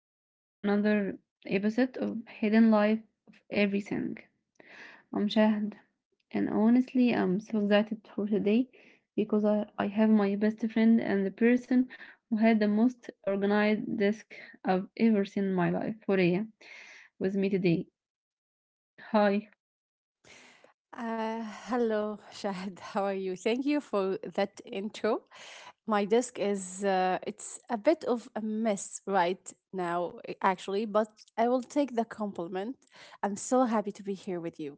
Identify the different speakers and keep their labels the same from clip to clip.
Speaker 1: everyone, to another episode of Hidden Life of Everything. I'm Shahd, and honestly, I'm so excited for today because I have my best friend and the person who had the most organized desk I've ever seen in my life, Horea, with me today. Hi.
Speaker 2: Hello, Shahid. How are you? Thank you for that intro. My desk is it's a bit of a mess right now, actually, but I will take the compliment. I'm so happy to be here with you.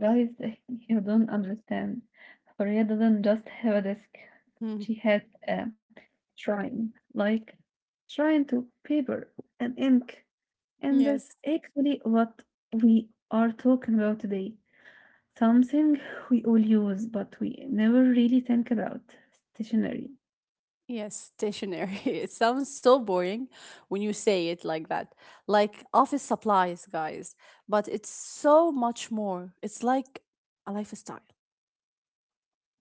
Speaker 1: Guys, you don't understand. Horia didn't just have a desk.
Speaker 2: Hmm.
Speaker 1: She had a shrine, like shrine to paper and ink. And that's
Speaker 2: Yes,
Speaker 1: actually what we are talking about today. Something we all use, but we never really think about. Stationery.
Speaker 2: yes, stationery. It sounds so boring when you say it like that, like office supplies, guys. But it's so much more. It's like a lifestyle.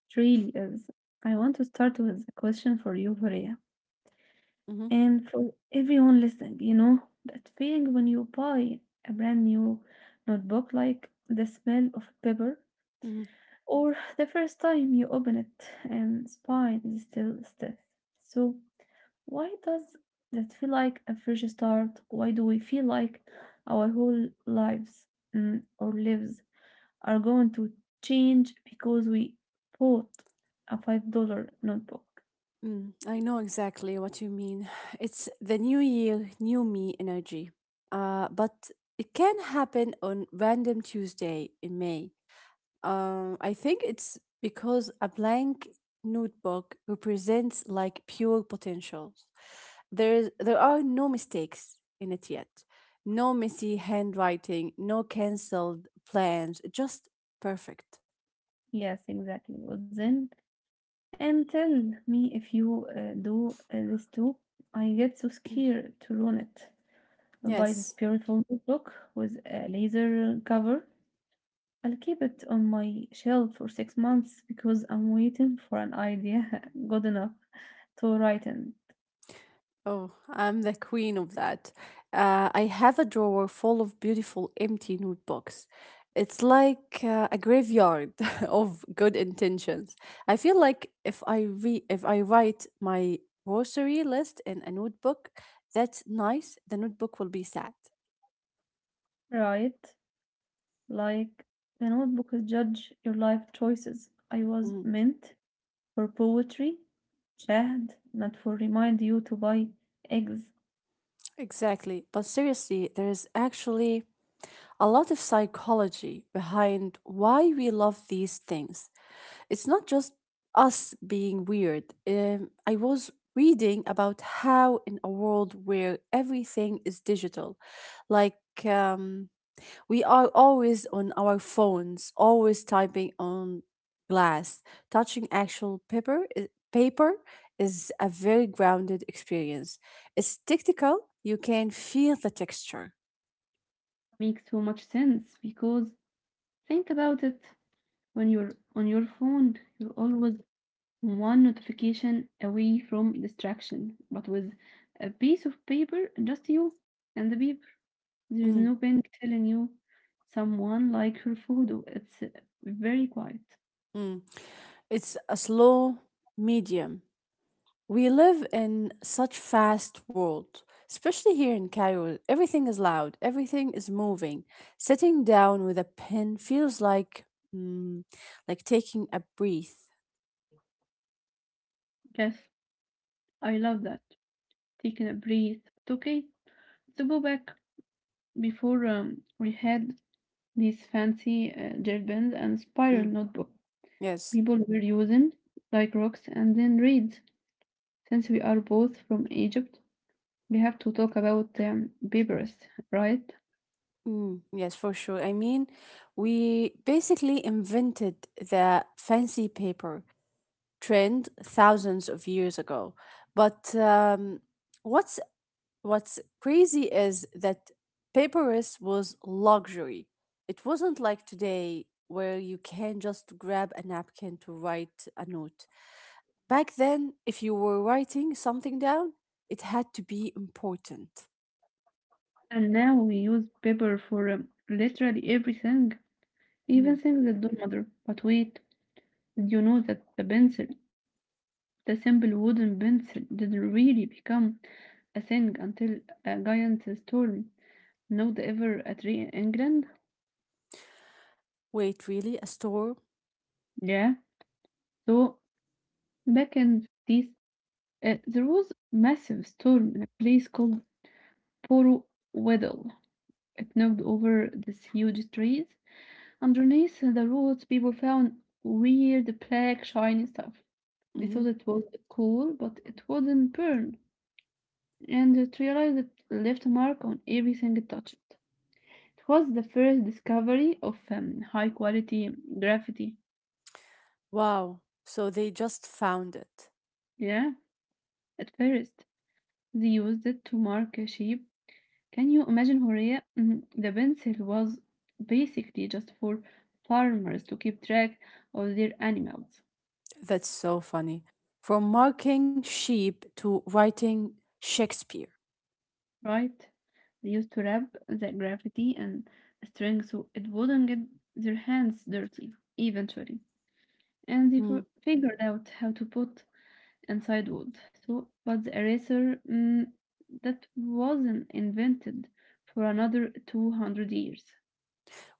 Speaker 1: It really is. I want to start with a question for you, Horia.
Speaker 2: Mm-hmm.
Speaker 1: And for everyone listening, you know, that feeling when you buy a brand new notebook, like the smell of paper,
Speaker 2: Mm-hmm.
Speaker 1: or the first time you open it and spine is still stiff. So, why does that feel like a fresh start? Why do we feel like our whole lives or lives are going to change because we bought a $5 notebook?
Speaker 2: I know exactly what you mean. It's the new year, new me energy. But it can happen on random Tuesday in May. I think it's because a blank notebook represents like pure potentials. There are no mistakes in it yet. No messy handwriting, no cancelled plans, just perfect.
Speaker 1: Yes, exactly. Well, then and tell me if you do this too. I get so scared to ruin it. I'll buy this
Speaker 2: Yes.
Speaker 1: beautiful notebook with a laser cover. I'll keep it on my shelf for 6 months because I'm waiting for an idea good enough to write in.
Speaker 2: Oh, I'm the queen of that. I have a drawer full of beautiful empty notebooks. It's like a graveyard of good intentions. I feel like if I write my grocery list in a notebook, that's nice. The notebook will be sad.
Speaker 1: Right? Like the notebook is judge your life choices. I was
Speaker 2: Mm,
Speaker 1: meant for poetry, Chad, not for remind you to buy eggs.
Speaker 2: exactly. But seriously, there is actually a lot of psychology behind why we love these things. It's not just us being weird. I was reading about how, in a world where everything is digital, like um, we are always on our phones, always typing on glass, touching actual paper. Paper is a very grounded experience. It's tactile. You can feel the texture.
Speaker 1: Makes so much sense because think about it. When you're on your phone, you're always one notification away from distraction. But with a piece of paper, just you and the paper. There is
Speaker 2: Mm,
Speaker 1: no bank telling you someone like her photo. It's very quiet.
Speaker 2: mm. It's a slow medium. We live in such fast world, especially here in Cairo. Everything is loud, everything is moving. Sitting down with a pen feels like mm, like taking a breath.
Speaker 1: Yes, I love that. Taking a breath. But okay, to go back before we had these fancy gel pens and spiral
Speaker 2: Mm,
Speaker 1: notebook.
Speaker 2: yes.
Speaker 1: People were using like rocks and then reeds. Since we are both from Egypt, we have to talk about peppers, right?
Speaker 2: Yes, for sure. I mean, we basically invented the fancy paper trend thousands of years ago. But what's What's crazy is that paperless was luxury. It wasn't like today where you can just grab a napkin to write a note. Back then, if you were writing something down, it had to be important.
Speaker 1: And now we use pepper for literally everything, even
Speaker 2: Mm.
Speaker 1: things that don't matter. But wait, did you know that the pencil, the simple wooden pencil, didn't really become a thing until a giant storm not ever a tree in England.
Speaker 2: Wait, really? A store?
Speaker 1: Yeah. So back in this, there was massive storm in a place called Poro Weddell. It knocked over these huge trees. Underneath the roots, people found weird black shiny stuff. They
Speaker 2: Hmm.
Speaker 1: thought it was cool, but it wouldn't burn, and it realized it left a mark on everything it touched. It was the first discovery of high quality graffiti.
Speaker 2: Wow. So they just found it.
Speaker 1: Yeah, at first they used it to mark a sheep. Can you imagine, Horea? Mhm. The pencil was basically just for farmers to keep track of their animals.
Speaker 2: That's so funny. From marking sheep to writing Shakespeare.
Speaker 1: Right? They used to wrap the gravity and string so it wouldn't get their hands dirty eventually. And they figured out how to put inside wood. So, but the eraser that wasn't invented for another 200 years.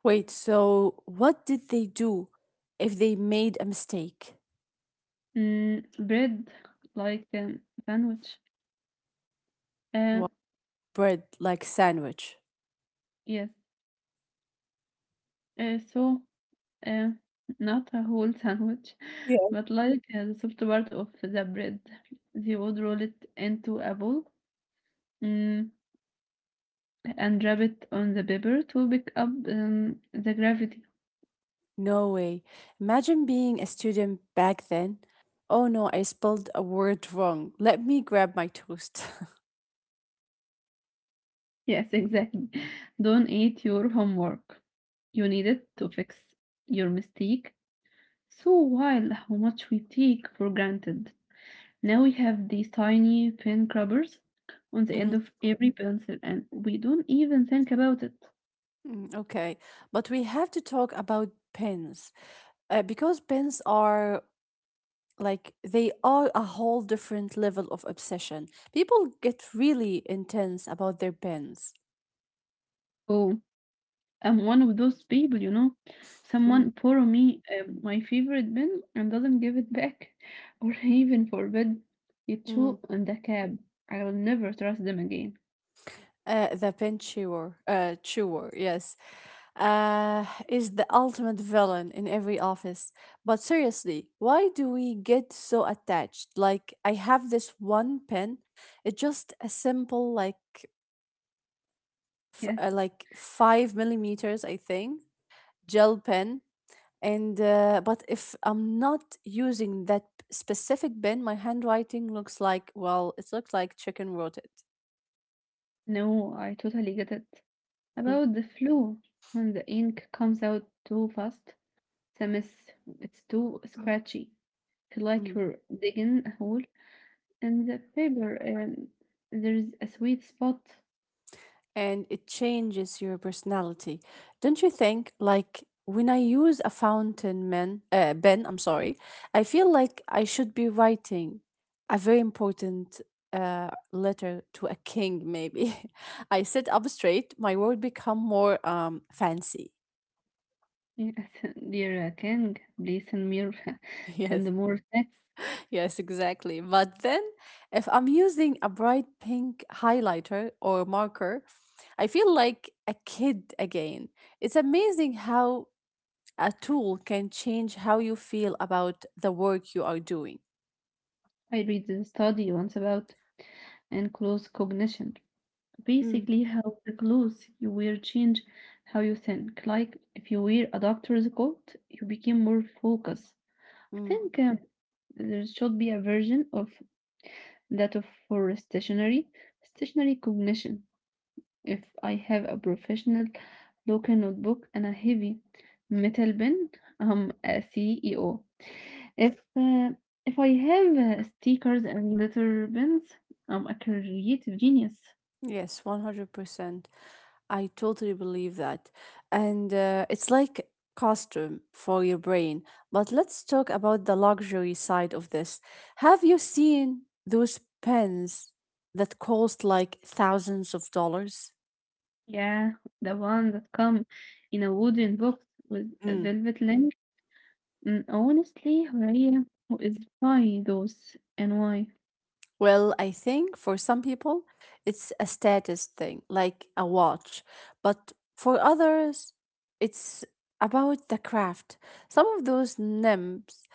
Speaker 2: Wait, so what did they do if they made a mistake?
Speaker 1: Bread like sandwich. Uh,
Speaker 2: What bread like sandwich?
Speaker 1: yes. Uh, so Uh, not a whole sandwich,
Speaker 2: Yeah.
Speaker 1: but like the soft part of the bread. They would roll it into a ball, mm, and wrap it on the paper to pick up the gravity.
Speaker 2: No way. Imagine being a student back then. Oh no, I spelled a word wrong. Let me grab my toast.
Speaker 1: Yes, exactly. Don't eat your homework. You need it to fix your mistake. So wild how much we take for granted. Now we have these tiny pen crubbers on the end
Speaker 2: Mhm.
Speaker 1: of every pencil, and we don't even think about it.
Speaker 2: Okay, but we have to talk about pens. Because pens are like they are a whole different level of obsession. People get really intense about their pens.
Speaker 1: Oh, I'm one of those people, you know. Someone
Speaker 2: Mm.
Speaker 1: borrow me my favorite pen and doesn't give it back, or even forbid it
Speaker 2: Mm.
Speaker 1: to in the cab. I will never trust them again.
Speaker 2: The pen chewer, yes, is the ultimate villain in every office. But seriously, why do we get so attached? Like, I have this one pen. It's just a simple, like,
Speaker 1: Yes,
Speaker 2: like 5 mm, I think, gel pen. And but if I'm not using that specific pen, my handwriting looks like well, it looks like chicken rotted.
Speaker 1: no, I totally get it.
Speaker 2: Mm,
Speaker 1: About the flu, when the ink comes out too fast, it's a mess. It's too scratchy. Feel like
Speaker 2: mm.
Speaker 1: you're digging a hole in the paper, and there's a sweet spot.
Speaker 2: And it changes your personality, don't you think? Like when I use a fountain pen I'm sorry, I feel like I should be writing a very important letter to a king maybe. I sit up straight, my word become more fancy.
Speaker 1: Yes, dear King, please send me your-
Speaker 2: Yes,
Speaker 1: send more texts.
Speaker 2: yes, exactly. But then if I'm using a bright pink highlighter or marker, I feel like a kid again. It's amazing how a tool can change how you feel about the work you are doing.
Speaker 1: I read the study once about and close cognition.
Speaker 2: Mm,
Speaker 1: Basically, how the clothes you wear change how you think. Like if you wear a doctor's coat, you become more focused. I
Speaker 2: mm.
Speaker 1: think there should be a version of that of for stationary stationary cognition. If I have a professional looking notebook and a heavy metal pen, I'm a CEO. If uh, if I have stickers and glitter pens, I'm a creative genius.
Speaker 2: Yes, 100%. I totally believe that. And it's like costume for your brain. But let's talk about the luxury side of this. Have you seen those pens that cost like thousands of dollars?
Speaker 1: Yeah, the one that come in a wooden box with a velvet link. Mm, honestly, Horia, who is buying those and why?
Speaker 2: Well, I think for some people, it's a status thing, like a watch. But for others, it's about the craft. Some of those nibs,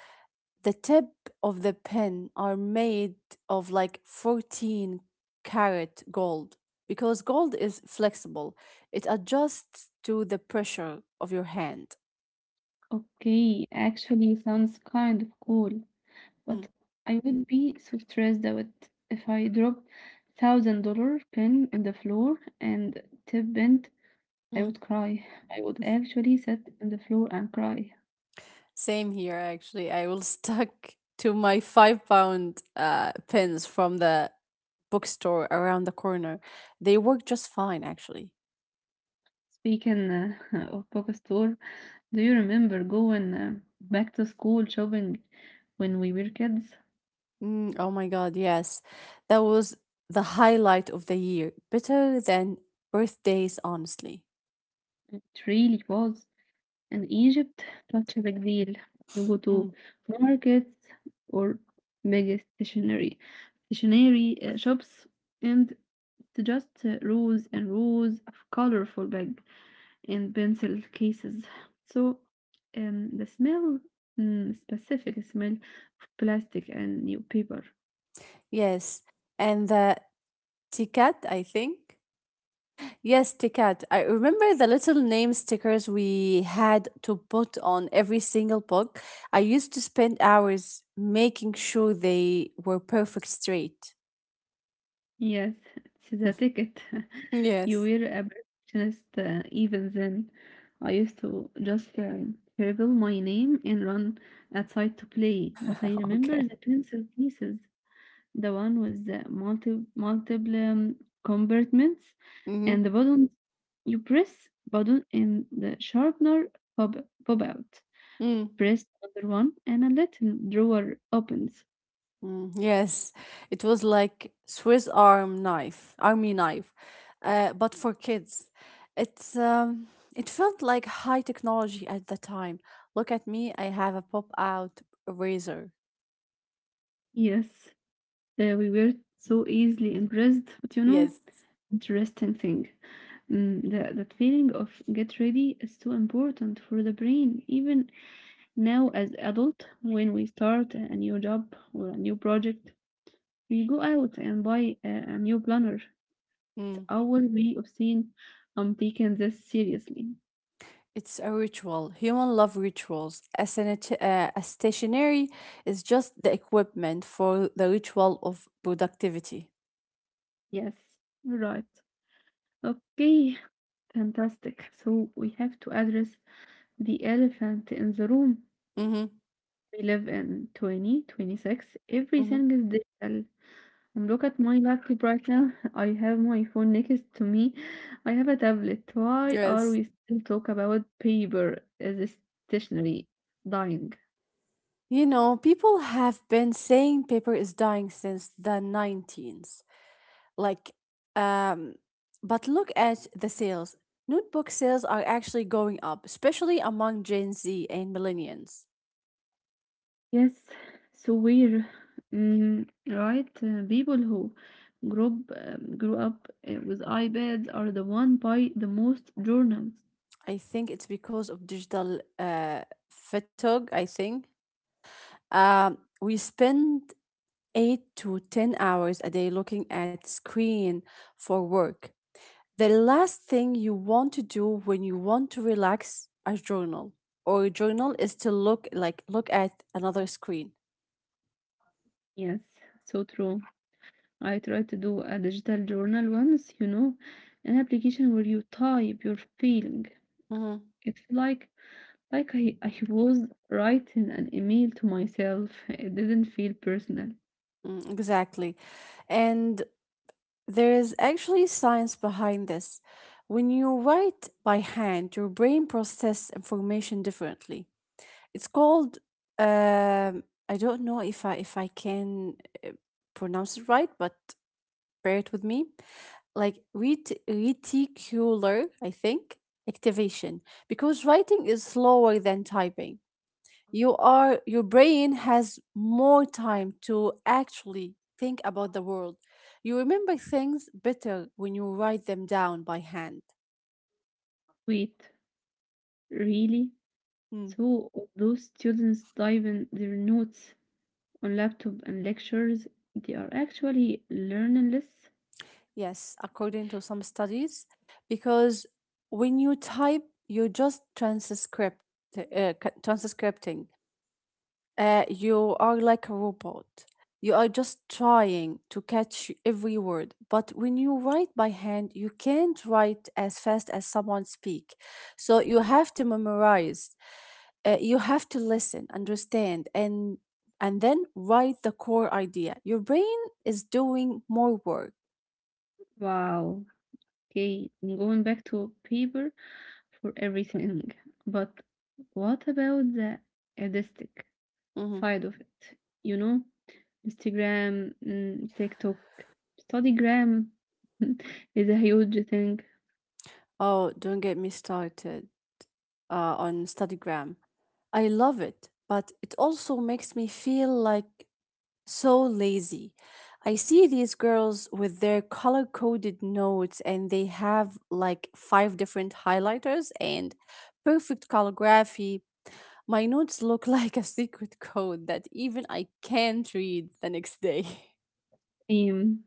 Speaker 2: the tip of the pen, are made of like 14 carat gold because gold is flexible, it adjusts to the pressure of your hand.
Speaker 1: Okay, actually sounds kind of cool.
Speaker 2: Mm,
Speaker 1: But I would be so stressed out if I dropped thousand dollar pin in the floor and tip bent, I
Speaker 2: mm.
Speaker 1: would cry. I would actually sit in the floor and cry.
Speaker 2: Same here, actually. I will stuck to my £5 pins from the bookstore around the corner. They work just fine, actually.
Speaker 1: Speaking of bookstore, do you remember going back to school shopping when we were kids?
Speaker 2: Mm, oh my God, yes. That was the highlight of the year. Better than birthdays, honestly.
Speaker 1: It really was. And Egypt such a big deal. You go to
Speaker 2: Mm.
Speaker 1: markets or mega stationery, shops, and it's just rows and rows of colorful bag and pencil cases. So, the smell, specific smell of plastic and new paper.
Speaker 2: Yes. And the ticket, I think. Yes, Tikat. I remember the little name stickers we had to put on every single book. I used to spend hours making sure they were perfect straight.
Speaker 1: Yes, it's the ticket. You
Speaker 2: Yes.
Speaker 1: were a perfectionist even then. I used to just scribble my name and run outside to play. But I remember
Speaker 2: Okay.
Speaker 1: the pencil pieces, the one with the multiple compartments
Speaker 2: Mm-hmm.
Speaker 1: and the button. You press button and the sharpener pop pop out.
Speaker 2: Mm.
Speaker 1: Press another one and a little drawer opens.
Speaker 2: Mm. Yes. It was like Swiss army knife, but for kids. It's um, it felt like high technology at the time. Look at me, I have a pop-out razor.
Speaker 1: Yes. We were so easily impressed, but you know,
Speaker 2: Yes.
Speaker 1: interesting thing. That feeling of get ready is too important for the brain. Even now, as adult, when we start a new job or a new project, we go out and buy a new planner. It's
Speaker 2: Mm.
Speaker 1: our way of saying, I'm taking this seriously.
Speaker 2: It's a ritual. Human love rituals. A stationery is just the equipment for the ritual of productivity.
Speaker 1: Yes, right. Okay, fantastic. So we have to address the elephant in the room.
Speaker 2: Hmm.
Speaker 1: We live in 2026.
Speaker 2: Hmm.
Speaker 1: Everything is digital. I'm look at my laptop right now. I have my phone next to me. I have a tablet. Why are
Speaker 2: Yes.
Speaker 1: we still talk about paper as a stationery dying?
Speaker 2: You know, people have been saying paper is dying since the 19s. Like, um, but look at the sales. Notebook sales are actually going up, especially among Gen Z and millennials.
Speaker 1: Yes, so we're right. People who grew up with iPads are the one by the most journals.
Speaker 2: I think it's because of digital fatigue, I think. We spend 8 to 10 hours a day looking at screen for work. The last thing you want to do when you want to relax a journal or a journal is to look at another screen.
Speaker 1: Yes, so true. I tried to do a digital journal once, you know, an application where you type your feeling.
Speaker 2: Mhm.
Speaker 1: It's like I was writing an email to myself. It didn't feel personal.
Speaker 2: Exactly. And there is actually science behind this. When you write by hand, your brain processes information differently. It's called um I don't know if I can uh, pronounce it right, but bear it with me. Like reticular, I think, activation because writing is slower than typing. Your brain has more time to actually think about the world. You remember things better when you write them down by hand.
Speaker 1: Wait, really?
Speaker 2: Hmm.
Speaker 1: So all those students diving their notes on laptop and lectures, they are actually learning less?
Speaker 2: Yes, according to some studies, because when you type, you just transcript, transcripting. You are like a robot. You are just trying to catch every word. But when you write by hand, you can't write as fast as someone speak. So you have to memorize. You have to listen, understand, and then write the core idea. Your brain is doing more work.
Speaker 1: Wow. Okay, I'm going back to paper for everything. But what about the elastic
Speaker 2: Mm-hmm.
Speaker 1: side of it, you know? Instagram, TikTok, Studygram is a huge thing.
Speaker 2: Oh, don't get me started on Studygram. I love it, but it also makes me feel like so lazy. I see these girls with their color coded notes, and they have like five different highlighters and perfect calligraphy. My notes look like a secret code that even I can't read the next day.
Speaker 1: Um,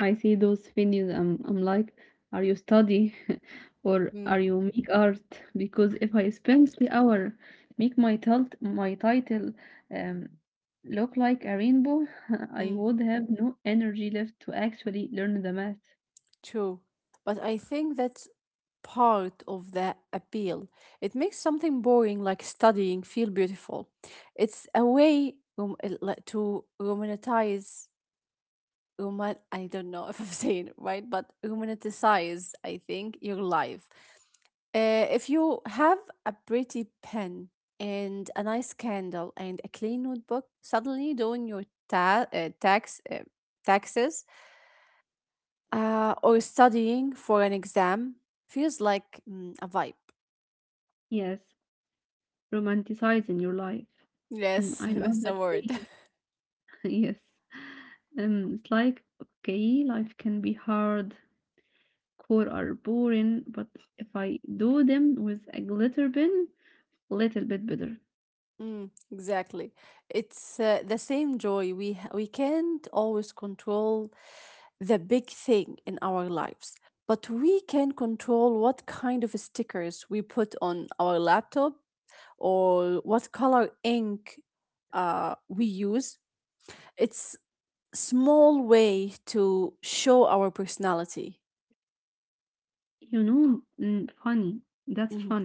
Speaker 1: I see those videos, I'm like, are you study or
Speaker 2: Mm,
Speaker 1: are you make art? Because if I spend the hour make my title um, look like a rainbow, I
Speaker 2: mm.
Speaker 1: would have no energy left to actually learn the math.
Speaker 2: True. But I think that's part of the appeal. It makes something boring like studying feel beautiful. It's a way like to romanticize, roman I don't know if I'm saying it right, but romanticize, I think, your life. If you have a pretty pen and a nice candle and a clean notebook, suddenly doing your taxes or studying for an exam feels like a vibe.
Speaker 1: Yes, romanticizing your life. Mm,
Speaker 2: Yes,
Speaker 1: I love
Speaker 2: that's the
Speaker 1: that
Speaker 2: word.
Speaker 1: phrase. Yes. It's like, okay, life can be hard, core are boring, but if I do them with a glitter pen, little bit better.
Speaker 2: Exactly. It's the same joy. We can't always control the big thing in our lives, but we can control what kind of stickers we put on our laptop or what color ink we use. It's small way to show our personality.
Speaker 1: You know, funny. That's funny.
Speaker 2: Mhm,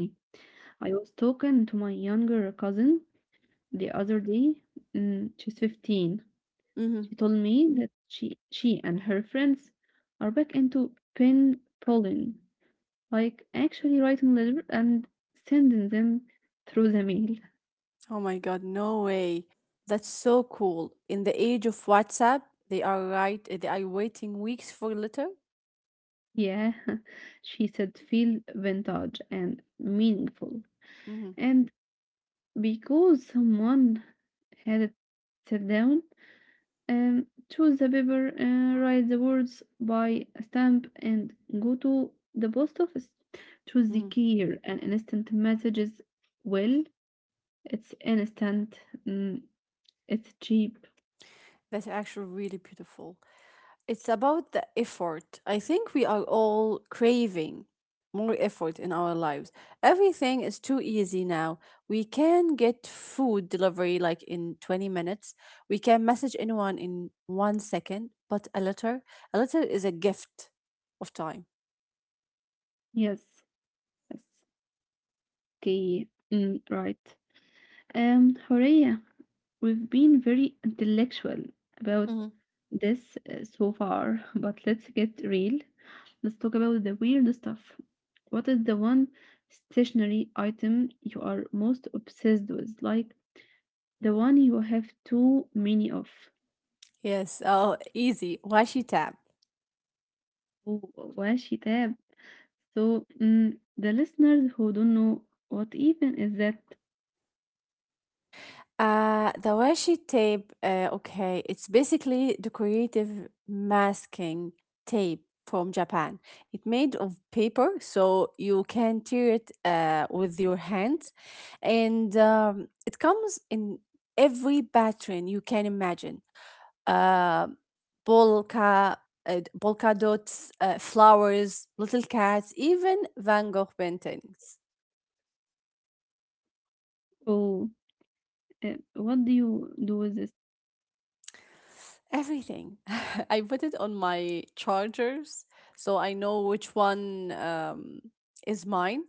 Speaker 1: I was talking to my younger cousin the other day. Mm, she's 15. She
Speaker 2: mhm.
Speaker 1: told me that she and her friends are back into pen pulling, like actually writing letters and sending them through the mail.
Speaker 2: Oh my God, no way. That's so cool. In the age of WhatsApp, they are right. They are waiting weeks for letter.
Speaker 1: Yeah, she said feel vintage and meaningful.
Speaker 2: Hmm.
Speaker 1: And because someone had it set down, um, choose the paper, write the words, buy a stamp, and go to the post office. Choose the
Speaker 2: Hmm.
Speaker 1: care and instant messages. Well, it's instant. Mm, it's cheap.
Speaker 2: That's actually really beautiful. It's about the effort. I think we are all craving more effort in our lives. Everything is too easy now. We can get food delivery like in 20 minutes. We can message anyone in 1 second, but a letter is a gift of time.
Speaker 1: Yes. Yes. Okay. Right. Horia. We've been very intellectual about
Speaker 2: Mm-hmm.
Speaker 1: this so far, but let's get real. Let's talk about the weird stuff. What is the one stationary item you are most obsessed with? Like the one you have too many of.
Speaker 2: Yes, oh, easy. Washi tab.
Speaker 1: Oh, washi tab. So, the listeners who don't know what even is that,
Speaker 2: The washi tape, okay, it's basically decorative masking tape from Japan. It made of paper, so you can tear it with your hands, and it comes in every pattern you can imagine. Uh, polka, polka dots, flowers, little cats, even Van Gogh paintings.
Speaker 1: oh, what do you do with this?
Speaker 2: Everything. I put it on my chargers so I know which one is mine.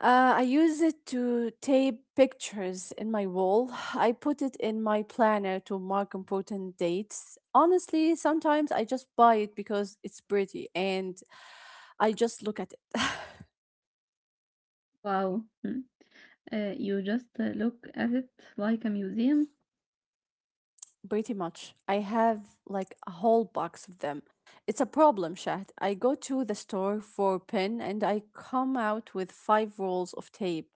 Speaker 2: I use it to tape pictures in my wall. I put it in my planner to mark important dates. Honestly, sometimes I just buy it because it's pretty and I just look at it.
Speaker 1: Wow. Mm. You just look at it like a museum?
Speaker 2: Pretty much. I have like a whole box of them. It's a problem, Shahd. I go to the store for pen and I come out with five rolls of tape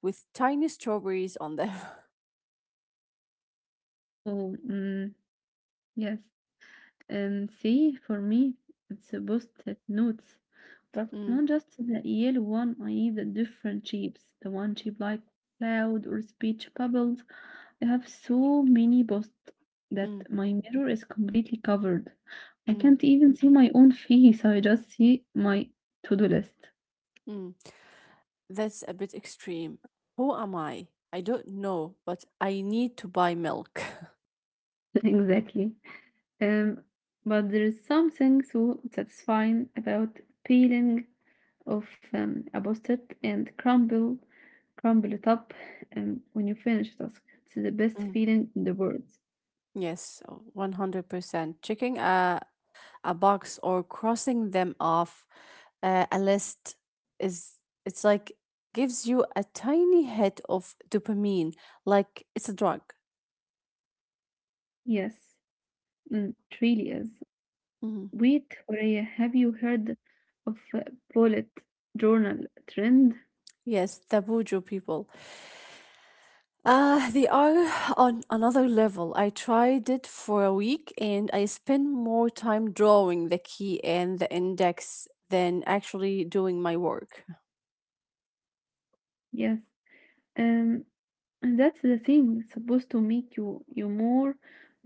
Speaker 2: with tiny strawberries on them.
Speaker 1: Oh, yes. See, for me, it's a post-it notes, but
Speaker 2: Mm,
Speaker 1: not just the yellow one. I need the different shapes. The one shape like cloud or speech bubbles. I have so many post
Speaker 2: mm,
Speaker 1: that my mirror is completely covered. I
Speaker 2: mm,
Speaker 1: can't even see my own face. I just see my to-do list.
Speaker 2: mm. That's a bit extreme. Who am I? I don't know, but I need to buy milk.
Speaker 1: Exactly. Um, but there is something so satisfying about peeling of a post-it and crumble it up when you finish a task. It's the best
Speaker 2: Mm,
Speaker 1: feeling in the world.
Speaker 2: yes, 100%. Checking a box or crossing them off a list is it's like gives you a tiny hit of dopamine like it's a drug.
Speaker 1: Yes, it really is.
Speaker 2: Mhm.
Speaker 1: Wait, Horea, have you heard of bullet journal trend?
Speaker 2: Yes, the buju people they are on another level. I tried it for a week and I spent more time drawing the key and the index than actually doing my work.
Speaker 1: Yes, um, and that's the thing. It's supposed to make you more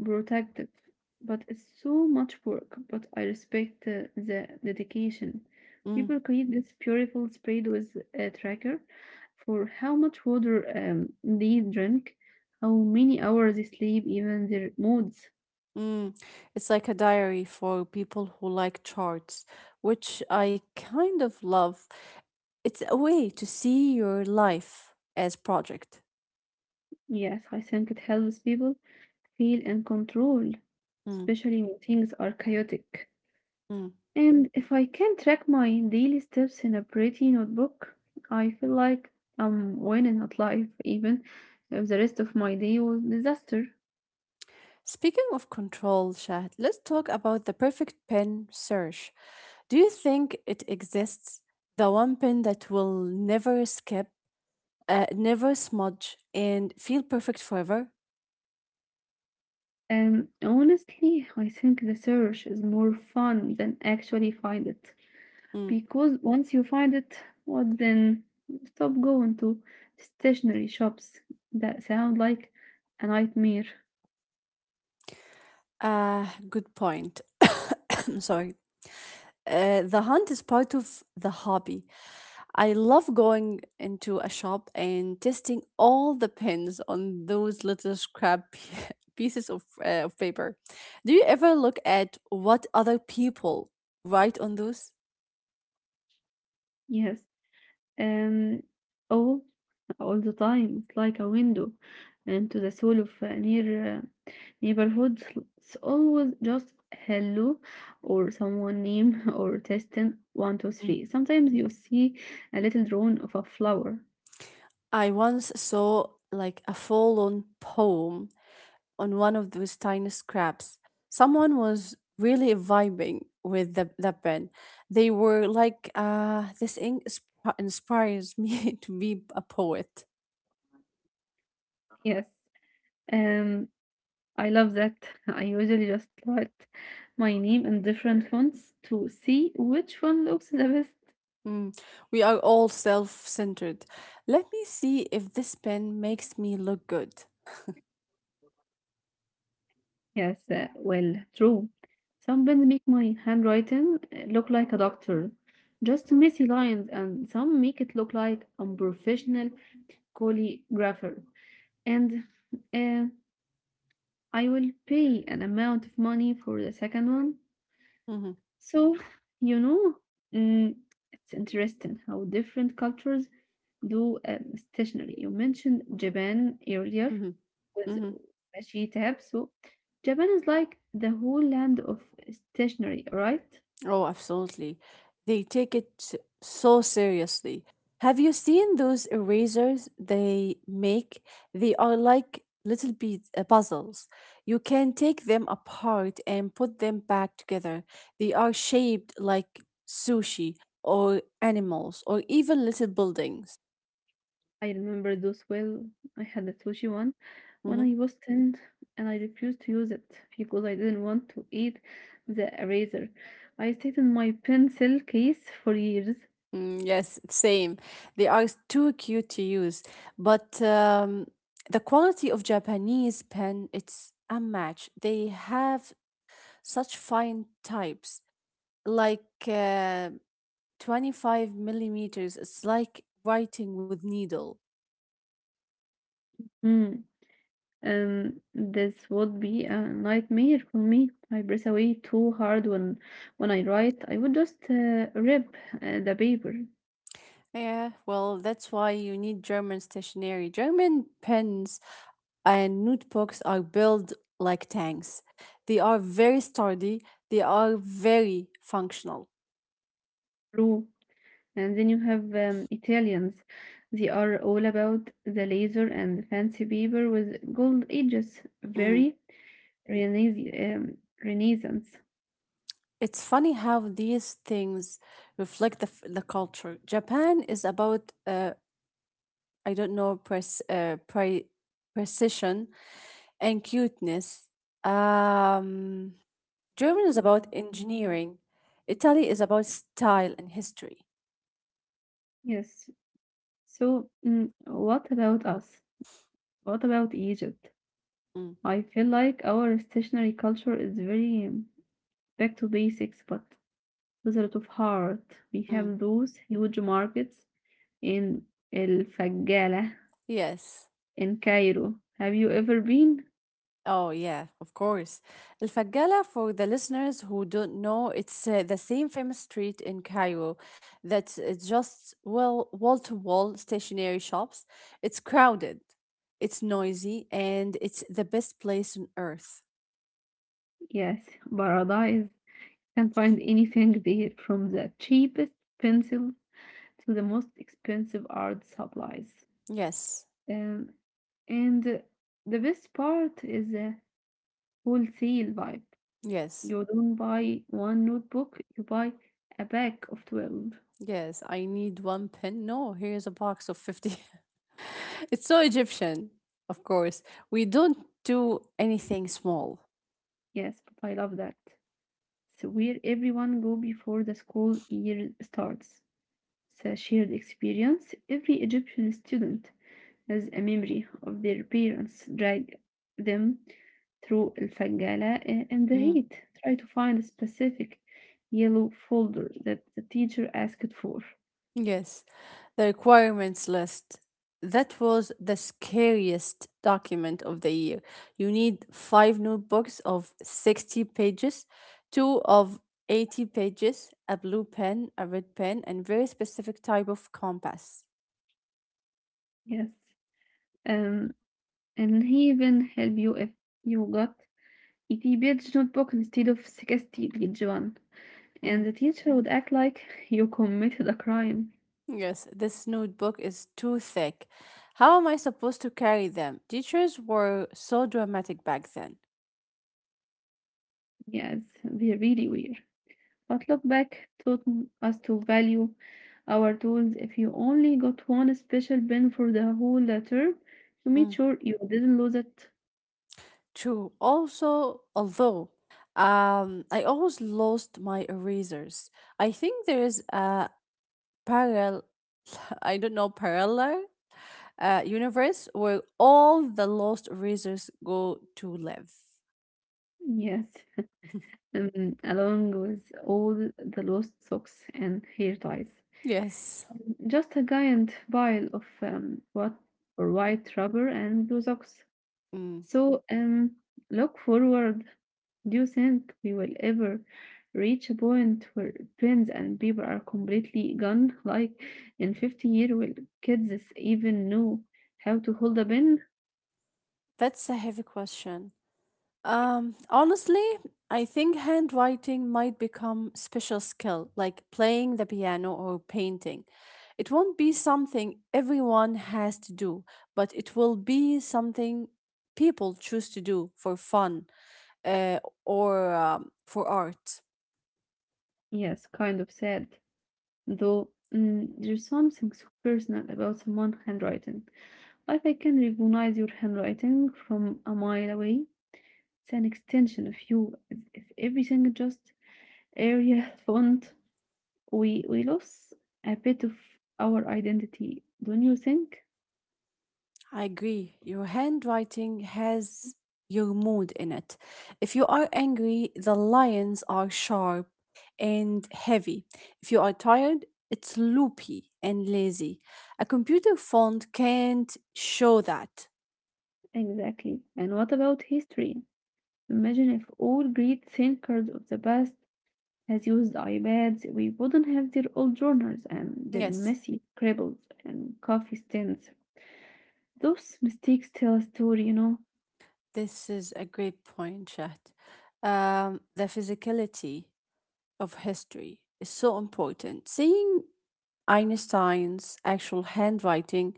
Speaker 1: protective, but it's so much work. But I respect the dedication. People create this beautiful spread with a tracker for how much water they drink, how many hours they sleep, even their moods.
Speaker 2: Mm, it's like a diary for people who like charts, which I kind of love. It's a way to see your life as project.
Speaker 1: Yes, I think it helps people feel in control,
Speaker 2: Mm,
Speaker 1: especially when things are chaotic.
Speaker 2: mm.
Speaker 1: And if I can track my daily steps in a pretty notebook, I feel like I'm winning at life, even if the rest of my day was disaster.
Speaker 2: Speaking of control, Shahd, let's talk about the perfect pen search. Do you think it exists? The one pen that will never skip, never smudge, and feel perfect forever?
Speaker 1: And honestly, I think the search is more fun than actually find it.
Speaker 2: Mm.
Speaker 1: Because once you find it, what then? Stop going to stationery shops that sound like a nightmare.
Speaker 2: Good point. I'm sorry. The hunt is part of the hobby. I love going into a shop and testing all the pins on those little scrap pieces of paper. Do you ever look at what other people write on those?
Speaker 1: Yes. Um, all the time. It's like a window into the soul of a near neighborhood. It's always just hello or someone name or testing one, two,
Speaker 2: Mm.
Speaker 1: three. Sometimes you see a little drone of a flower.
Speaker 2: I once saw like a full on poem on one of those tiny scraps. Someone was really vibing with the pen. They were like, this ink inspires me to be a poet.
Speaker 1: Yes. Um, I love that. I usually just write my name in different fonts to see which one looks the best.
Speaker 2: Mm. We are all self centered. Let me see if this pen makes me look good.
Speaker 1: Yes, well, true. Some pens make my handwriting look like a doctor, just messy lines, and some make it look like I'm professional calligrapher. And uh, I will pay an amount of money for the second one.
Speaker 2: Hmm.
Speaker 1: So, you know, mm, it's interesting how different cultures do stationery. You mentioned Japan earlier
Speaker 2: Hmm.
Speaker 1: with
Speaker 2: Hmm.
Speaker 1: Washi tab. So Japan is like the whole land of stationery, right?
Speaker 2: Oh, absolutely. They take it so seriously. Have you seen those erasers they make? They are like little bead puzzles. You can take them apart and put them back together. They are shaped like sushi or animals or even little buildings.
Speaker 1: I remember those well. I had a sushi one when
Speaker 2: Mhm.
Speaker 1: I was 10, and I refused to use it because I didn't want to eat the eraser. I stayed in my pencil case for years.
Speaker 2: Mm, yes, same. They are too cute to use, but the quality of Japanese pen it's unmatched. They have such fine types like 25 millimeters it's like writing with needle.
Speaker 1: Hmm. This would be a nightmare for me. I press away too hard when I write. I would just rip the paper
Speaker 2: Yeah, well, that's why you need German stationery. German pens and notebooks are built like tanks. They are very sturdy. They are very functional.
Speaker 1: through. And then you have Italians. They are all about the laser and fancy paper with gold edges.
Speaker 2: Mhm.
Speaker 1: Very Renaissance. Renaissance.
Speaker 2: It's funny how these things reflect the, the culture. Japan is about I don't know press pre- precision and cuteness. Um, German is about engineering. Italy is about style and history.
Speaker 1: Yes. So, mm, what about us? What about Egypt?
Speaker 2: Mm,
Speaker 1: I feel like our stationary culture is very back to basics, but بذرة of heart. We
Speaker 2: mm.
Speaker 1: have those huge markets in الفجالة
Speaker 2: Yes.
Speaker 1: in Cairo. Have you ever been?
Speaker 2: Oh, yeah, of course. El Fagala, for the listeners who don't know, it's the same famous street in Cairo that's just well wall-to-wall stationery shops. It's crowded, it's noisy, and it's the best place on earth.
Speaker 1: Yes, paradise. Can't find anything there from the cheapest pencil to the most expensive art supplies.
Speaker 2: Yes,
Speaker 1: um, and the best part is the wholesale vibe.
Speaker 2: yes.
Speaker 1: You don't buy one notebook, you buy a pack of 12.
Speaker 2: Yes, I need one pen. No, here's a box of 50. It's so Egyptian, of course. We don't do anything small.
Speaker 1: Yes, but I love that. So where everyone go before the school year starts. It's a shared experience. Every Egyptian student as a memory of their parents drag them through الفجالة in the
Speaker 2: Mm.
Speaker 1: heat. Try to find a specific yellow folder that the teacher asked for.
Speaker 2: Yes, the requirements list. That was the scariest document of the year. You need five notebooks of 60 pages, two of 80 pages, a blue pen, a red pen, and very specific type of compass.
Speaker 1: Yes. Um, and even help you if you got a debate notebook instead of 60 page one. And
Speaker 2: Mm.
Speaker 1: the teacher would act like you committed a crime.
Speaker 2: Yes, this notebook is too thick. How am I supposed to carry them? Teachers were so dramatic back then.
Speaker 1: Yes, they really were. But look back taught us to value our tools. If you only got one special pen for the whole term, you made
Speaker 2: Mm,
Speaker 1: sure you didn't lose it.
Speaker 2: true. Also, although I always lost my erasers. I think there is a parallel, I don't know, parallel universe where all the lost erasers go to live.
Speaker 1: Yes, and along with all the lost socks and hair ties.
Speaker 2: Yes.
Speaker 1: Just a giant pile of what or white rubber and blue socks.
Speaker 2: Mm.
Speaker 1: So look forward. Do you think we will ever reach a point where pens and paper are completely gone? Like in 50 years, will kids even know how to hold a pen?
Speaker 2: That's a heavy question. Honestly, I think handwriting might become special skill, like playing the piano or painting. It won't be something everyone has to do, but it will be something people choose to do for fun, uh, or for art.
Speaker 1: Yes, kind of sad. Though mm, there's something so personal about someone's handwriting. Like I can recognize your handwriting from a mile away. It's an extension of you. If everything just area font, we lose a bit of our identity, don't you think?
Speaker 2: I agree. Your handwriting has your mood in it. If you are angry, the lines are sharp and heavy. If you are tired, it's loopy and lazy. A computer font can't show that.
Speaker 1: Exactly. And what about history? Imagine if all great thinkers of the past has used iPads, we wouldn't have their old journals and their
Speaker 2: Yes,
Speaker 1: messy scribbles and coffee stains. Those mistakes tell a story, you know?
Speaker 2: this is a great point, Shahd. The physicality of history is so important. Seeing Einstein's actual handwriting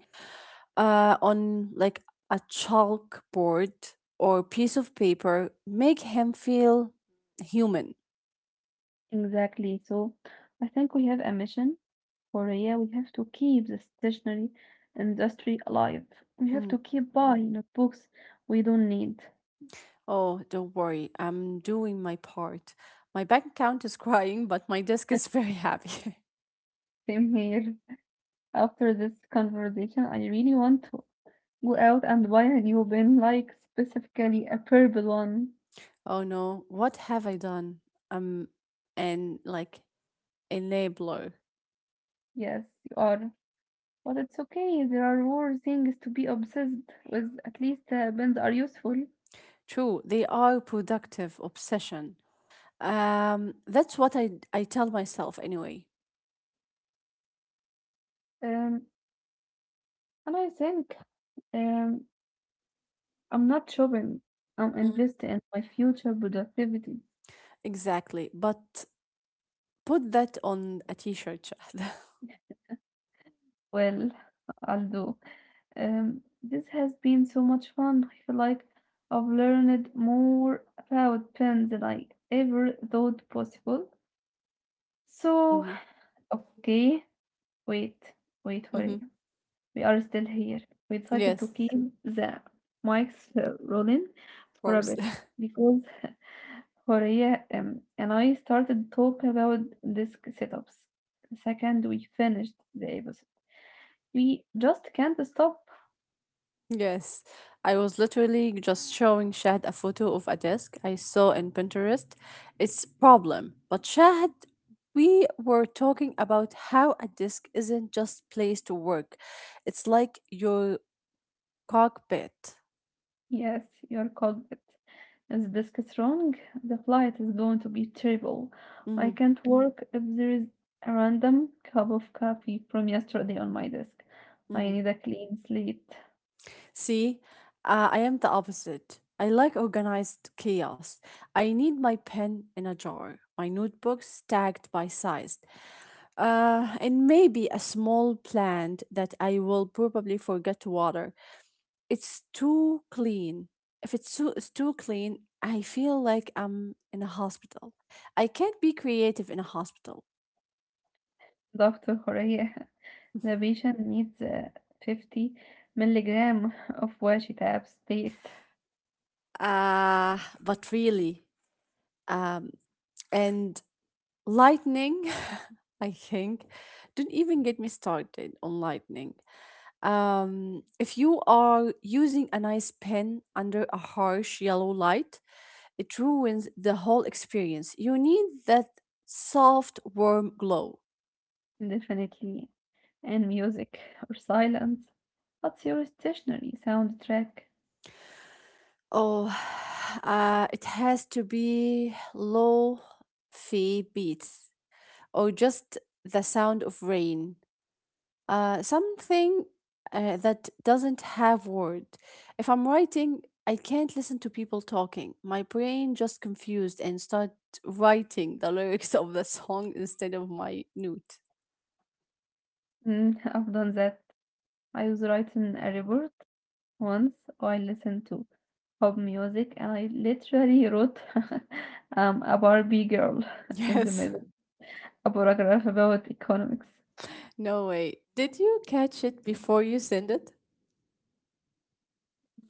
Speaker 2: on like a chalkboard or piece of paper make him feel human.
Speaker 1: Exactly. So I think we have a mission Korea, we have to keep the stationary industry alive. We have
Speaker 2: Mm.
Speaker 1: to keep buying notebooks we don't need.
Speaker 2: Oh, don't worry, I'm doing my part. My bank account is crying, but my desk is very happy.
Speaker 1: Same here. After this conversation, I really want to go out and buy a new pen, like specifically a purple one.
Speaker 2: Oh no, what have I done? Um, and like enabler.
Speaker 1: Yes, you are. But it's okay. There are more things to be obsessed with. At least pens are useful.
Speaker 2: True, they are productive obsession. That's what I tell myself anyway.
Speaker 1: Um, and I think um, I'm not shopping. I'm
Speaker 2: Mm.
Speaker 1: investing in my future productivity.
Speaker 2: Exactly, but put that on a t-shirt.
Speaker 1: Well, I'll do. This has been so much fun. I feel like I've learned more about pens than I ever thought possible. So,
Speaker 2: Mm-hmm.
Speaker 1: okay, wait, wait,
Speaker 2: Mm-hmm.
Speaker 1: hurry. We are still here. We decided to
Speaker 2: Yes,
Speaker 1: keep the mics rolling
Speaker 2: of
Speaker 1: for a
Speaker 2: course.
Speaker 1: bit because Horea and I started to talk about disk setups. The second we finished the episode, we just can't stop.
Speaker 2: Yes, I was literally just showing Shahad a photo of a desk I saw in Pinterest. It's problem, but Shahad, we were talking about how a desk isn't just place to work. It's like your cockpit.
Speaker 1: Yes, you're called it. If this gets wrong, the flight is going to be terrible. I
Speaker 2: Mm-hmm.
Speaker 1: can't work if there is a random cup of coffee from yesterday on my desk. I
Speaker 2: Mm-hmm.
Speaker 1: need a clean slate.
Speaker 2: See, I am the opposite. I like organized chaos. I need my pen in a jar, my notebooks stacked by size, and maybe a small plant that I will probably forget to water. It's too clean. If it's too clean, I feel like I'm in a hospital. I can't be creative in a hospital.
Speaker 1: Dr. Horea, the patient needs 50 milligram of washetap state,
Speaker 2: But really, um, and lightning, I think, don't even get me started on lightning. If you are using a nice pen under a harsh yellow light, it ruins the whole experience. You need that soft, warm glow.
Speaker 1: definitely, and music or silence. What's your stationary soundtrack?
Speaker 2: Oh, it has to be low fee beats or just the sound of rain. Something that doesn't have word. If I'm writing, I can't listen to people talking. My brain just confused and start writing the lyrics of the song instead of my note.
Speaker 1: Mm, I've done that. I was writing a report once. I listened to pop music and I literally wrote a Barbie girl in the
Speaker 2: Yes.
Speaker 1: middle, a paragraph about economics.
Speaker 2: No way. Did you catch it before you send it?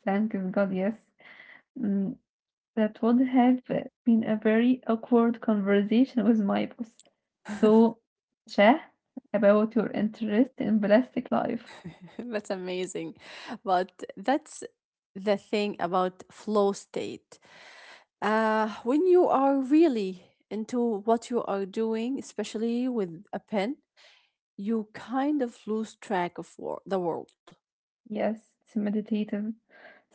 Speaker 1: Thank God, yes. Mm, that would have been a very awkward conversation with my boss. So, Shah, about your interest in plastic life.
Speaker 2: That's amazing. But that's the thing about flow state. When you are really into what you are doing, especially with a pen, you kind of lose track of the world.
Speaker 1: Yes, it's meditative.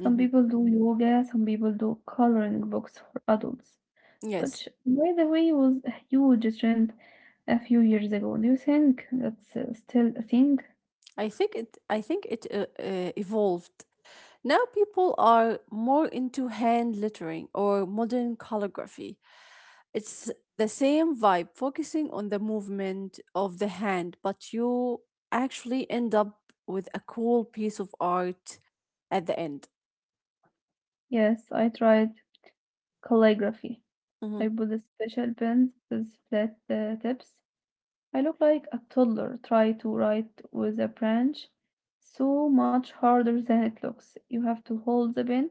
Speaker 1: Some people do yoga, some people do coloring books for adults.
Speaker 2: Yes,
Speaker 1: Which, by the way, was a huge trend a few years ago. Do you think that's still a thing?
Speaker 2: I think it. I think it evolved. Now people are more into hand lettering or modern calligraphy. It's the same vibe, focusing on the movement of the hand, but you actually end up with a cool piece of art at the end.
Speaker 1: Yes, I tried calligraphy. I
Speaker 2: Mhm.
Speaker 1: bought a special pen with flat tips. I look like a toddler trying to write with a branch. So much harder than it looks. You have to hold the pen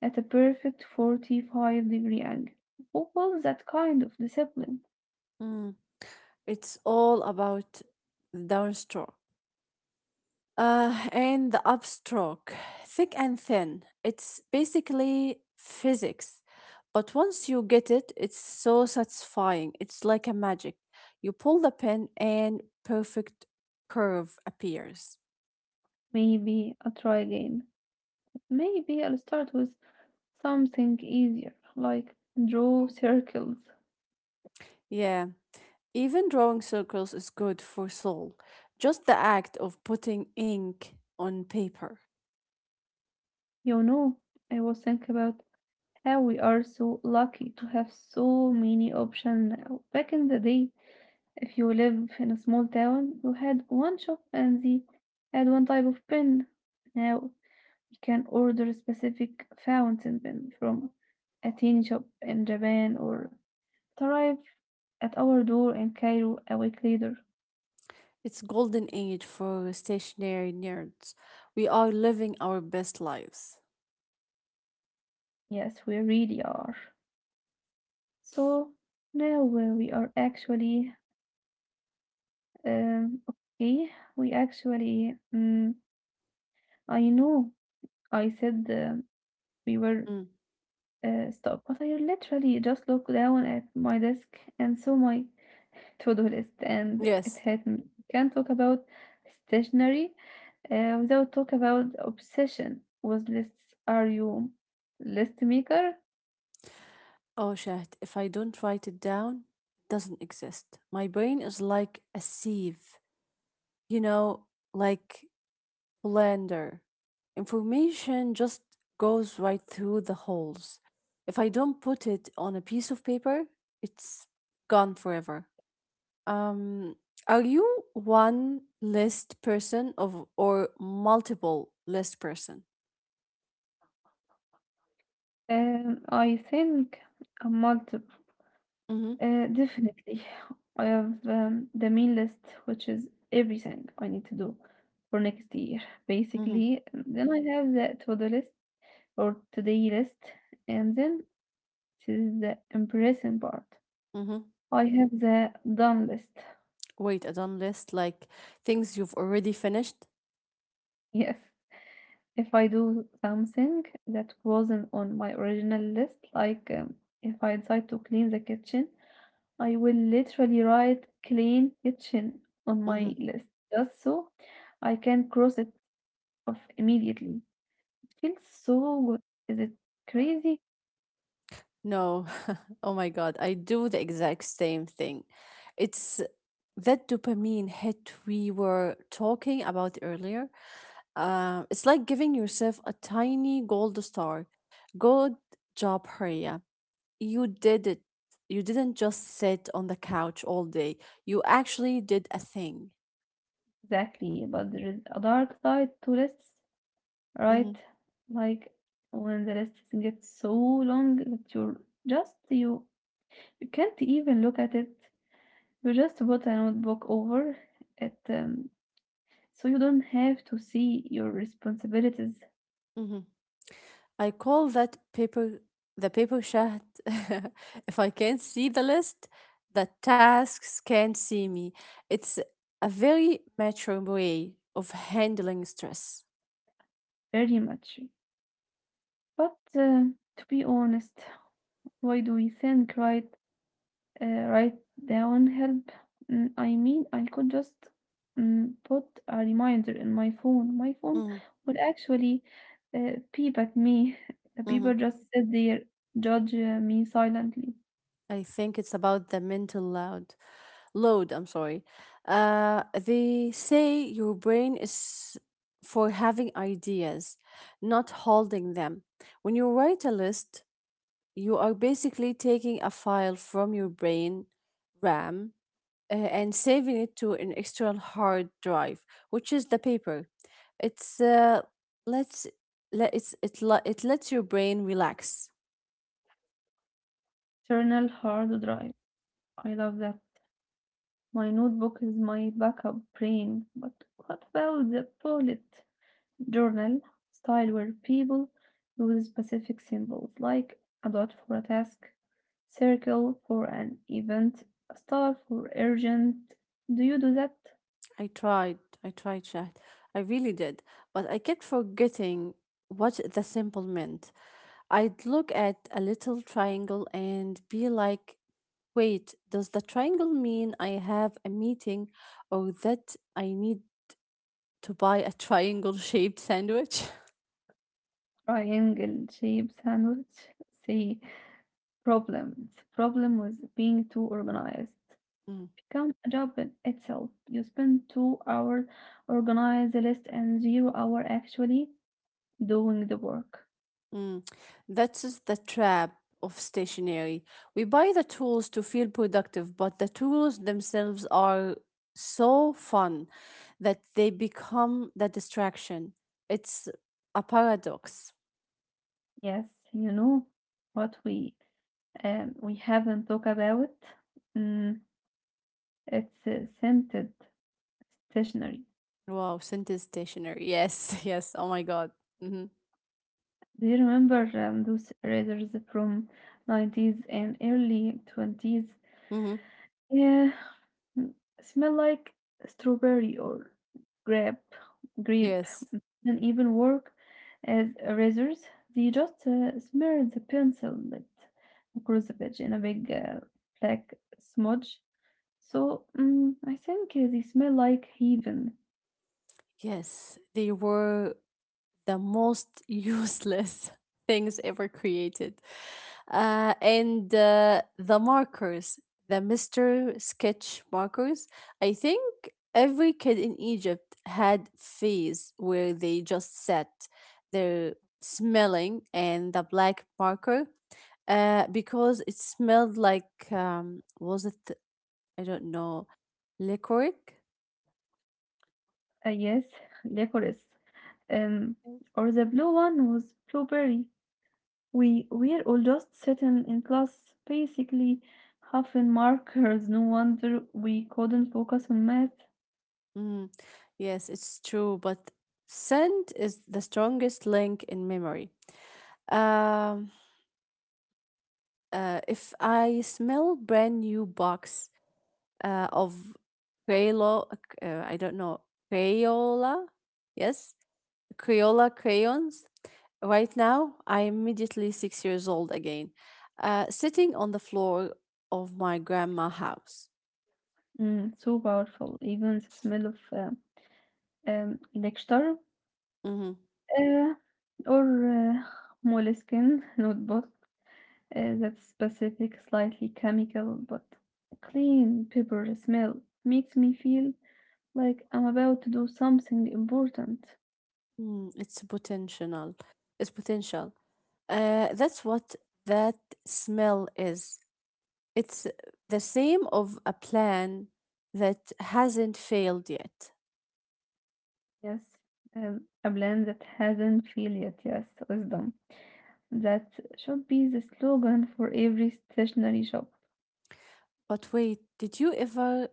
Speaker 1: at a perfect 45-degree angle. What was that kind of discipline?
Speaker 2: Mm. It's all about downstroke. And the upstroke, thick and thin. It's basically physics. But once you get it, it's so satisfying. It's like a magic. You pull the pin and perfect curve appears.
Speaker 1: Maybe I'll try again. Maybe I'll start with something easier, like draw circles.
Speaker 2: Yeah, even drawing circles is good for soul. Just the act of putting ink on paper.
Speaker 1: You know, I was thinking about how we are so lucky to have so many options now. Back in the day, if you live in a small town, you had one shop and they had one type of pen. Now you can order a specific fountain pen from a teen shop in Japan or it arrive at our door in Cairo a week later.
Speaker 2: It's golden age for stationary nerds. We are living our best lives.
Speaker 1: Yes, we really are. So now we are actually okay. We actually, I know I said we were
Speaker 2: Mm,
Speaker 1: stuck, but I literally just looked down at my desk and saw my to-do list, and it
Speaker 2: yes.
Speaker 1: hit me. Can't talk about stationery without talk about obsession with lists. Are you list maker?
Speaker 2: Oh, Shahd, if I don't write it down, it doesn't exist. My brain is like a sieve, you know, like blender. Information just goes right through the holes. If I don't put it on a piece of paper, it's gone forever. Um, are you one list person of or multiple list person?
Speaker 1: I think I'm multiple.
Speaker 2: Mm-hmm.
Speaker 1: Definitely. I have the main list, which is everything I need to do for next year,
Speaker 2: Mm-hmm.
Speaker 1: basically. And then I have the to-do list or today list, and then it is the impressing part.
Speaker 2: Mm-hmm.
Speaker 1: I have the done list.
Speaker 2: Wait, a done list like things you've already finished?
Speaker 1: Yes, if I do something that wasn't on my original list, like if I decide to clean the kitchen, I will literally write clean kitchen on
Speaker 2: Mm-hmm.
Speaker 1: my list just so I can cross it off immediately. Feels so good. Is it crazy?
Speaker 2: No. Oh my God. I do the exact same thing. It's that dopamine hit we were talking about earlier. It's like giving yourself a tiny gold star. Good job, Hurriya. You did it. You didn't just sit on the couch all day. You actually did a thing.
Speaker 1: Exactly, but there is a dark side to lists, right?
Speaker 2: Mm-hmm.
Speaker 1: Like when the list gets so long that just you, you can't even look at it. You just put a notebook over it, so you don't have to see your responsibilities
Speaker 2: Mhm. I call that paper the paper chat. If I can't see the list, the tasks can't see me. It's a very mature way of handling stress.
Speaker 1: very much. But to be honest, why do we think, right? uh, Write down help. Mm, I mean, I could just mm, put a reminder in my phone. My phone
Speaker 2: Mhm,
Speaker 1: would actually peep at me. The people
Speaker 2: mhm.
Speaker 1: just sit there, judge me silently.
Speaker 2: I think it's about the mental load. Load, I'm sorry. They say your brain is for having ideas, not holding them. When you write a list, you are basically taking a file from your brain RAM and saving it to an external hard drive, which is the paper. It's let's let it's it le- it lets your brain relax.
Speaker 1: Journal hard drive. I love that. My notebook is my backup brain. But what about the bullet journal style where people use specific symbols like a dot for a task, circle for an event, a star for urgent. Do you do that?
Speaker 2: I tried chat, I really did, but I kept forgetting what the symbol meant. I'd look at a little triangle and be like, wait, does the triangle mean I have a meeting or that I need to buy a triangle shaped sandwich.
Speaker 1: Triangle shape sandwich. Say problems. Problem with being too organized.
Speaker 2: Mm,
Speaker 1: Become a job in itself. You spend 2 hours organize the list and 0 hours actually doing the work.
Speaker 2: mm. That's is the trap of stationery. We buy the tools to feel productive, but the tools themselves are so fun that they become the distraction. It's a paradox.
Speaker 1: Yes, you know what we haven't talked about. Mm, it's scented stationery.
Speaker 2: Wow, sentence stationery. Yes, yes. Oh my God. Mm-hmm.
Speaker 1: Do you remember those razors from '90s and early '20s?
Speaker 2: Mm-hmm.
Speaker 1: Yeah, mm, smell like strawberry or grape, grape,
Speaker 2: Yes.
Speaker 1: and even work as razors. They just smear the pencil bit across the page in a big black smudge. So mm I think they smell like heaven.
Speaker 2: Yes. They were the most useless things ever created. And The markers, the Mr. Sketch markers, I think every kid in Egypt had phase where they just sat there smelling and the black marker because it smelled like was it I don't know licorice.
Speaker 1: Yes, licorice. Um, or the blue one was blueberry. We were all just sitting in class, basically huffing markers. No wonder we couldn't focus on math.
Speaker 2: Mm, yes, it's true, but scent is the strongest link in memory. Um, if I smell brand new box of Crayola, I don't know, Crayola, yes, Crayola crayons, right now, I am immediately 6 years old again, sitting on the floor of my grandma house.
Speaker 1: Mm, so powerful, even the smell of lecture
Speaker 2: Mm-hmm.
Speaker 1: uh, or moleskin notebook. That specific, slightly chemical but clean pepper smell makes me feel like I'm about to do something important.
Speaker 2: Mm, it's potential. It's potential. That's what that smell is. It's the same of a plan that hasn't failed yet.
Speaker 1: Yes, a blend that hasn't failed yet. Yes, wisdom. That should be the slogan for every stationery shop.
Speaker 2: But wait, did you ever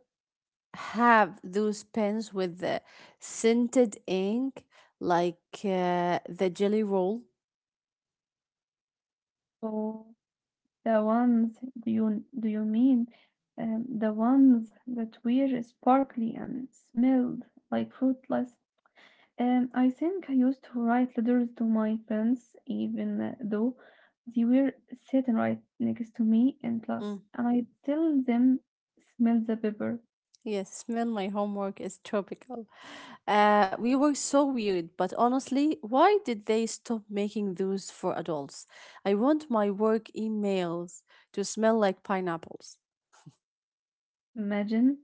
Speaker 2: have those pens with the scented ink, like the jelly roll?
Speaker 1: Oh. The ones do you mean the ones that were sparkly and smelled like fruitless? I think I used to write letters to my friends, even though they were sitting right next to me in class, and I tell them smell the paper.
Speaker 2: Yes, smell my homework is tropical. We were so weird, but honestly, why did they stop making those for adults? I want my work emails to smell like pineapples.
Speaker 1: Imagine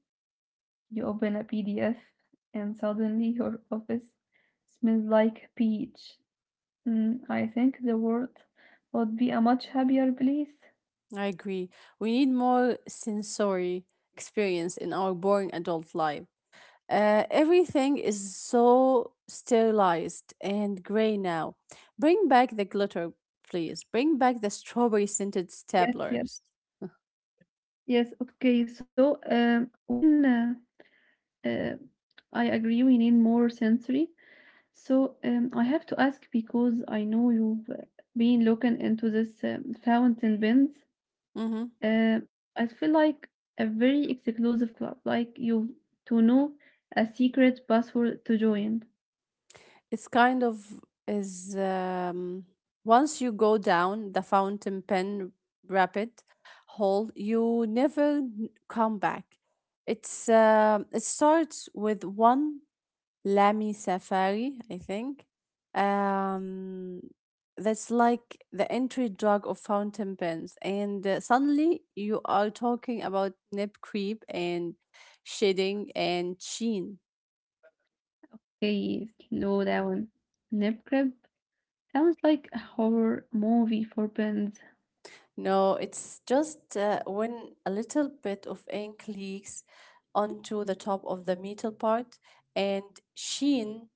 Speaker 1: you open a PDF and suddenly your office smells like peach. Mm, I think the world would be a much happier place.
Speaker 2: I agree. We need more sensory experience in our boring adult life. Everything is so sterilized and gray now. Bring back the glitter, please. Bring back the strawberry scented
Speaker 1: Yes, yes,
Speaker 2: staplers.
Speaker 1: yes. Okay, so when uh, I agree, we need more sensory. So I have to ask because I know you've been looking into this fountain pens.
Speaker 2: Mhm.
Speaker 1: Uh, I feel like a very exclusive club, like you to know a secret password to join.
Speaker 2: It's kind of is once you go down the fountain pen rapid hole, you never come back. It's it starts with one Lamy Safari, I think. Um, that's like the entry drug of fountain pens, and suddenly you are talking about nip creep and shading and sheen.
Speaker 1: Okay, slow down. Nip crib sounds like a horror movie for pens.
Speaker 2: No, it's just when a little bit of ink leaks onto the top of the metal part, and sheen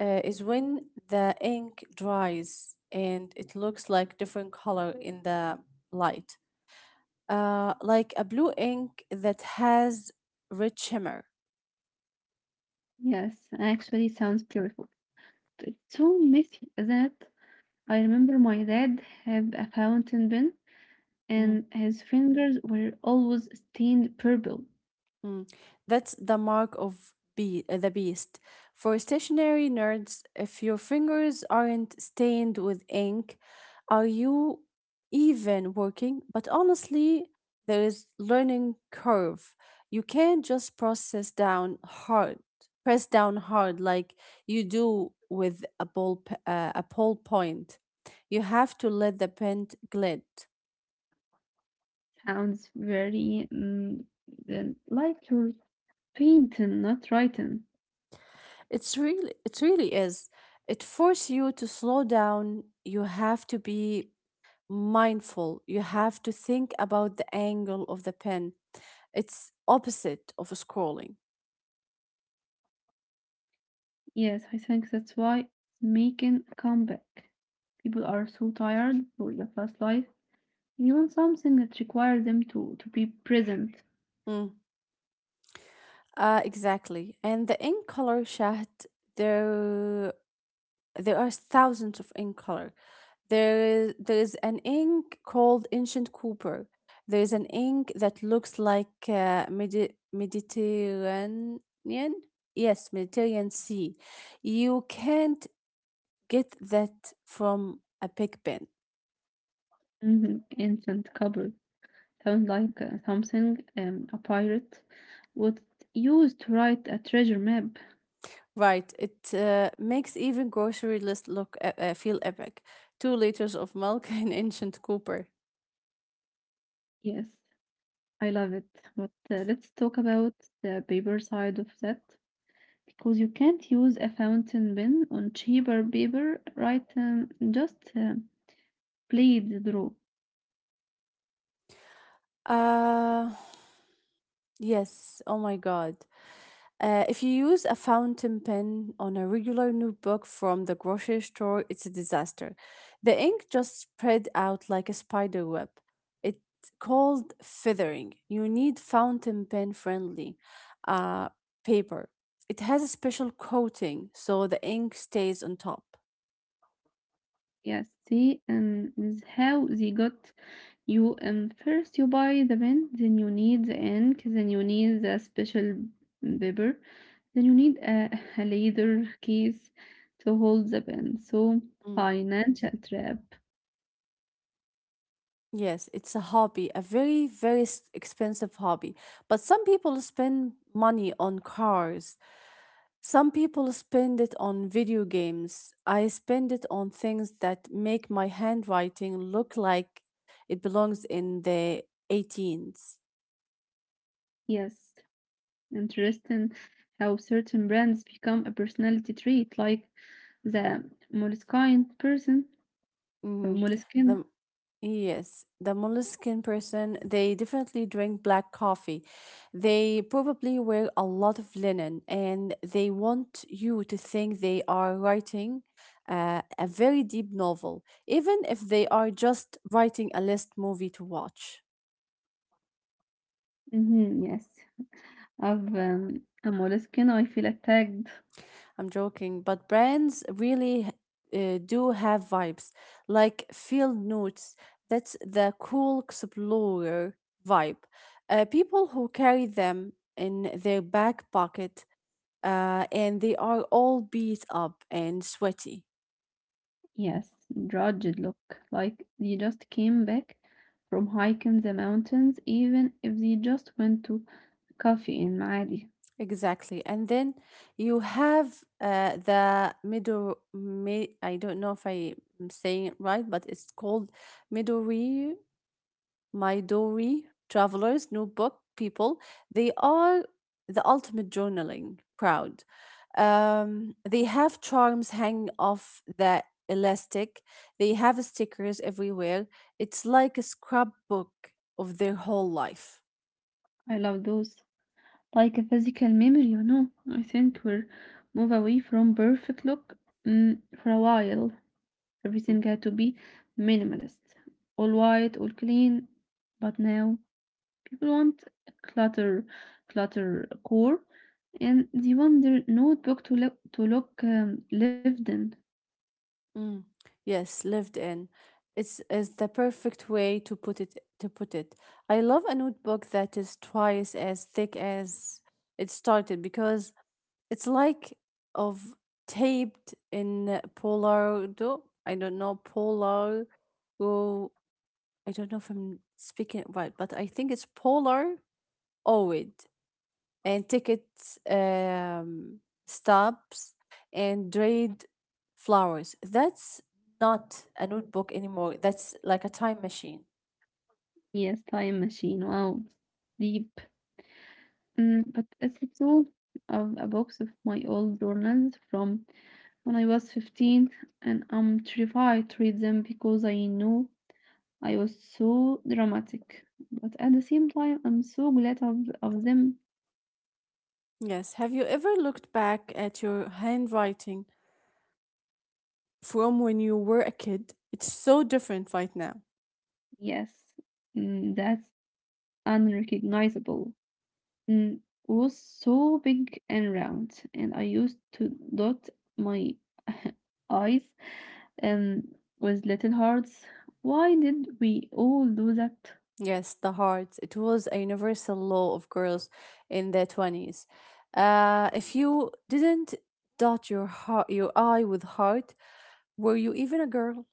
Speaker 2: is when the ink dries and it looks like different color in the light, like a blue ink that has red shimmer.
Speaker 1: Yes, actually sounds beautiful. It's so messy that I remember my dad had a fountain pen and his fingers were always stained purple.
Speaker 2: Mm, that's the mark of be the beast. For stationary nerds, if your fingers aren't stained with ink, are you even working? But honestly, there is learning curve. You can't just press down hard like you do with a a ball point. You have to let the pen glide.
Speaker 1: Sounds very like you're painting, not writing.
Speaker 2: It really is. It forces you to slow down. You have to be mindful. You have to think about the angle of the pen. It's opposite of scrolling.
Speaker 1: Yes, I think that's why it's making a comeback. People are so tired for the fast life. You want something that requires them to be present.
Speaker 2: Mm. Exactly. And the ink color chat, there there are thousands of ink color. There is an ink called ancient copper. There is an ink that looks like Mediterranean. Yes, Mediterranean Sea. You can't get that from a big pen.
Speaker 1: Instant couple sounds like something a pirate would use to write a treasure map.
Speaker 2: Right. It makes even grocery list look feel epic. 2 liters of milk and ancient copper.
Speaker 1: Yes, I love it. But let's talk about the paper side of that. Because you can't use a fountain pen on cheaper paper, right? Just play draw.
Speaker 2: Uh, yes. Oh my God. If you use a fountain pen on a regular notebook from the grocery store, it's a disaster. The ink just spread out like a spider web. It's called feathering. You need fountain pen friendly uh, paper. It has a special coating so the ink stays on top.
Speaker 1: Yes, see, and is how they got you. And first you buy the pen, then you need the ink, then you need the special paper, then you need a, a leather case to hold the pen. So
Speaker 2: Mm.
Speaker 1: financial trap.
Speaker 2: Yes, it's a hobby, a very, very expensive hobby. But some people spend money on cars, some people spend it on video games. I spend it on things that make my handwriting look like it belongs in the 18s.
Speaker 1: Yes, interesting how certain brands become a personality trait, like the moleskine person or
Speaker 2: Hmm. The,
Speaker 1: moleskine.
Speaker 2: yes, the moleskin person, they definitely drink black coffee. They probably wear a lot of linen and they want you to think they are writing a very deep novel, even if they are just writing a list movie to watch.
Speaker 1: Yes, of a moleskine, I feel attacked.
Speaker 2: I'm joking, but brands really do have vibes, like Field Notes. That's the cool explorer vibe. People who carry them in their back pocket, and they are all beat up and sweaty.
Speaker 1: Yes, drudged look, like they just came back from hiking the mountains, even if they just went to coffee in Maadi.
Speaker 2: Exactly, and then you have the middle. I don't know if I'm saying it right, but it's called Midori my Dory, Travelers, notebook People, they are the ultimate journaling crowd. They have charms hanging off the elastic, they have stickers everywhere. It's like a scrapbook of their whole life.
Speaker 1: I love those. Like a physical memory, you know. I think we're move away from perfect look for a while. Everything had to be minimalist, all white, all clean. But now people want clutter, clutter core, and they want their notebook to look lived in.
Speaker 2: Mm, yes, lived in. It's is the perfect way to put it. I love a notebook that is twice as thick as it started because it's like of taped in Polaro. I don't know Polar Oh, I don't know if I'm speaking it right, but I think it's polar oid and ticket um, stubs and dried flowers. That's not a notebook anymore. That's like a time machine.
Speaker 1: Yes, Time Machine. Wow. Deep. Mm, but it's a tool of a box of my old journals from when I was 15, and I'm terrified to read them because I know I was so dramatic. But at the same time, I'm so glad of them.
Speaker 2: Yes. Have you ever looked back at your handwriting from when you were a kid? It's so different right now.
Speaker 1: Yes, that's unrecognizable. mm, was so big and round, and I used to dot my eyes um, with little hearts. Why did we all do that?
Speaker 2: Yes, the heart. It was a universal law of girls in their 20s. If you didn't dot your heart, your I with heart, were you even a girl?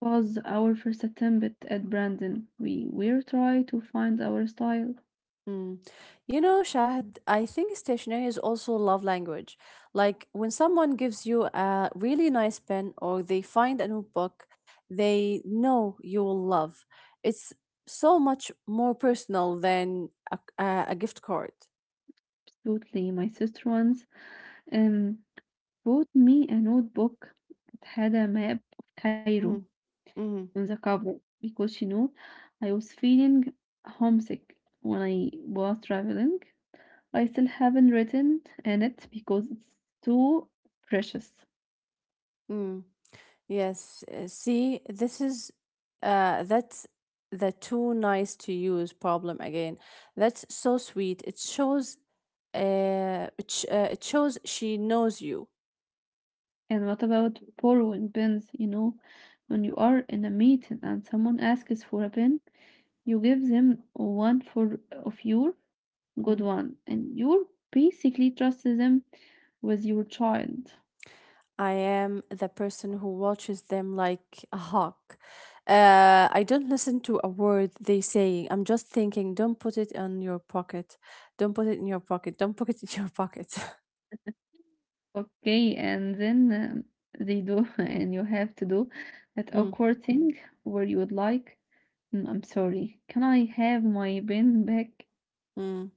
Speaker 1: Was our first attempt at Brandon. We were trying to find our style.
Speaker 2: Mm. You know, Shahd, I think stationery is also love language. Like when someone gives you a really nice pen or they find a new book they know you will love. It's so much more personal than a gift card.
Speaker 1: Absolutely, my sister once um, bought me a notebook that had a map of Cairo
Speaker 2: Mm-hmm. Mm-hmm.
Speaker 1: on the cover because she knew I was feeling homesick when I was traveling. I still haven't written in it because it's too precious.
Speaker 2: Mm-hmm. Yes, see, this is that's the too nice to use problem again. That's so sweet. It shows it shows she knows you.
Speaker 1: And what about borrowing pens? You know, when you are in a meeting and someone asks for a pen, you give them one for of your good
Speaker 2: Mm.
Speaker 1: one, and you basically trust them with your child.
Speaker 2: I am the person who watches them like a hawk. I don't listen to a word they saying. I'm just thinking, don't put it in your pocket. Don't put it in your pocket. Don't put it in your pocket.
Speaker 1: Okay, and then they do, and you have to do that
Speaker 2: Mm,
Speaker 1: awkward thing where you would like, "Mm, I'm sorry, can I have my pen back?
Speaker 2: mm.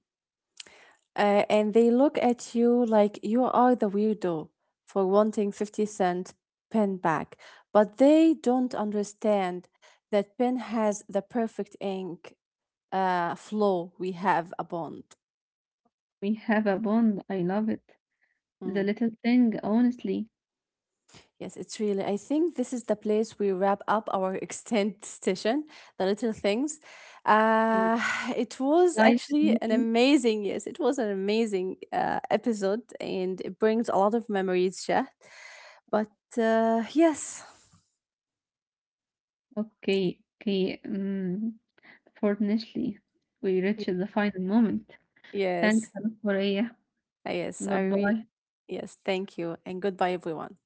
Speaker 2: Uh, and they look at you like you are the weirdo for wanting 50-cent pen back, but they don't understand that pen has the perfect ink flow. We have a bond.
Speaker 1: We have a bond, I love it. The
Speaker 2: Mhm.
Speaker 1: little thing, honestly,
Speaker 2: Yes, it's really. I think this is the place we wrap up our extended session, the little things.
Speaker 1: Mm.
Speaker 2: Uh, it was
Speaker 1: Life is
Speaker 2: actually an
Speaker 1: messy.
Speaker 2: amazing, yes, it was an amazing episode and it brings a lot of memories, Shah. But yes,
Speaker 1: Okay, okay, fortunately, we
Speaker 2: Y-
Speaker 1: reached the final moment. Thanks
Speaker 2: yes,
Speaker 1: a lot, Maria.
Speaker 2: yes, I
Speaker 1: Goodbye.
Speaker 2: really, yes, thank you and goodbye, everyone.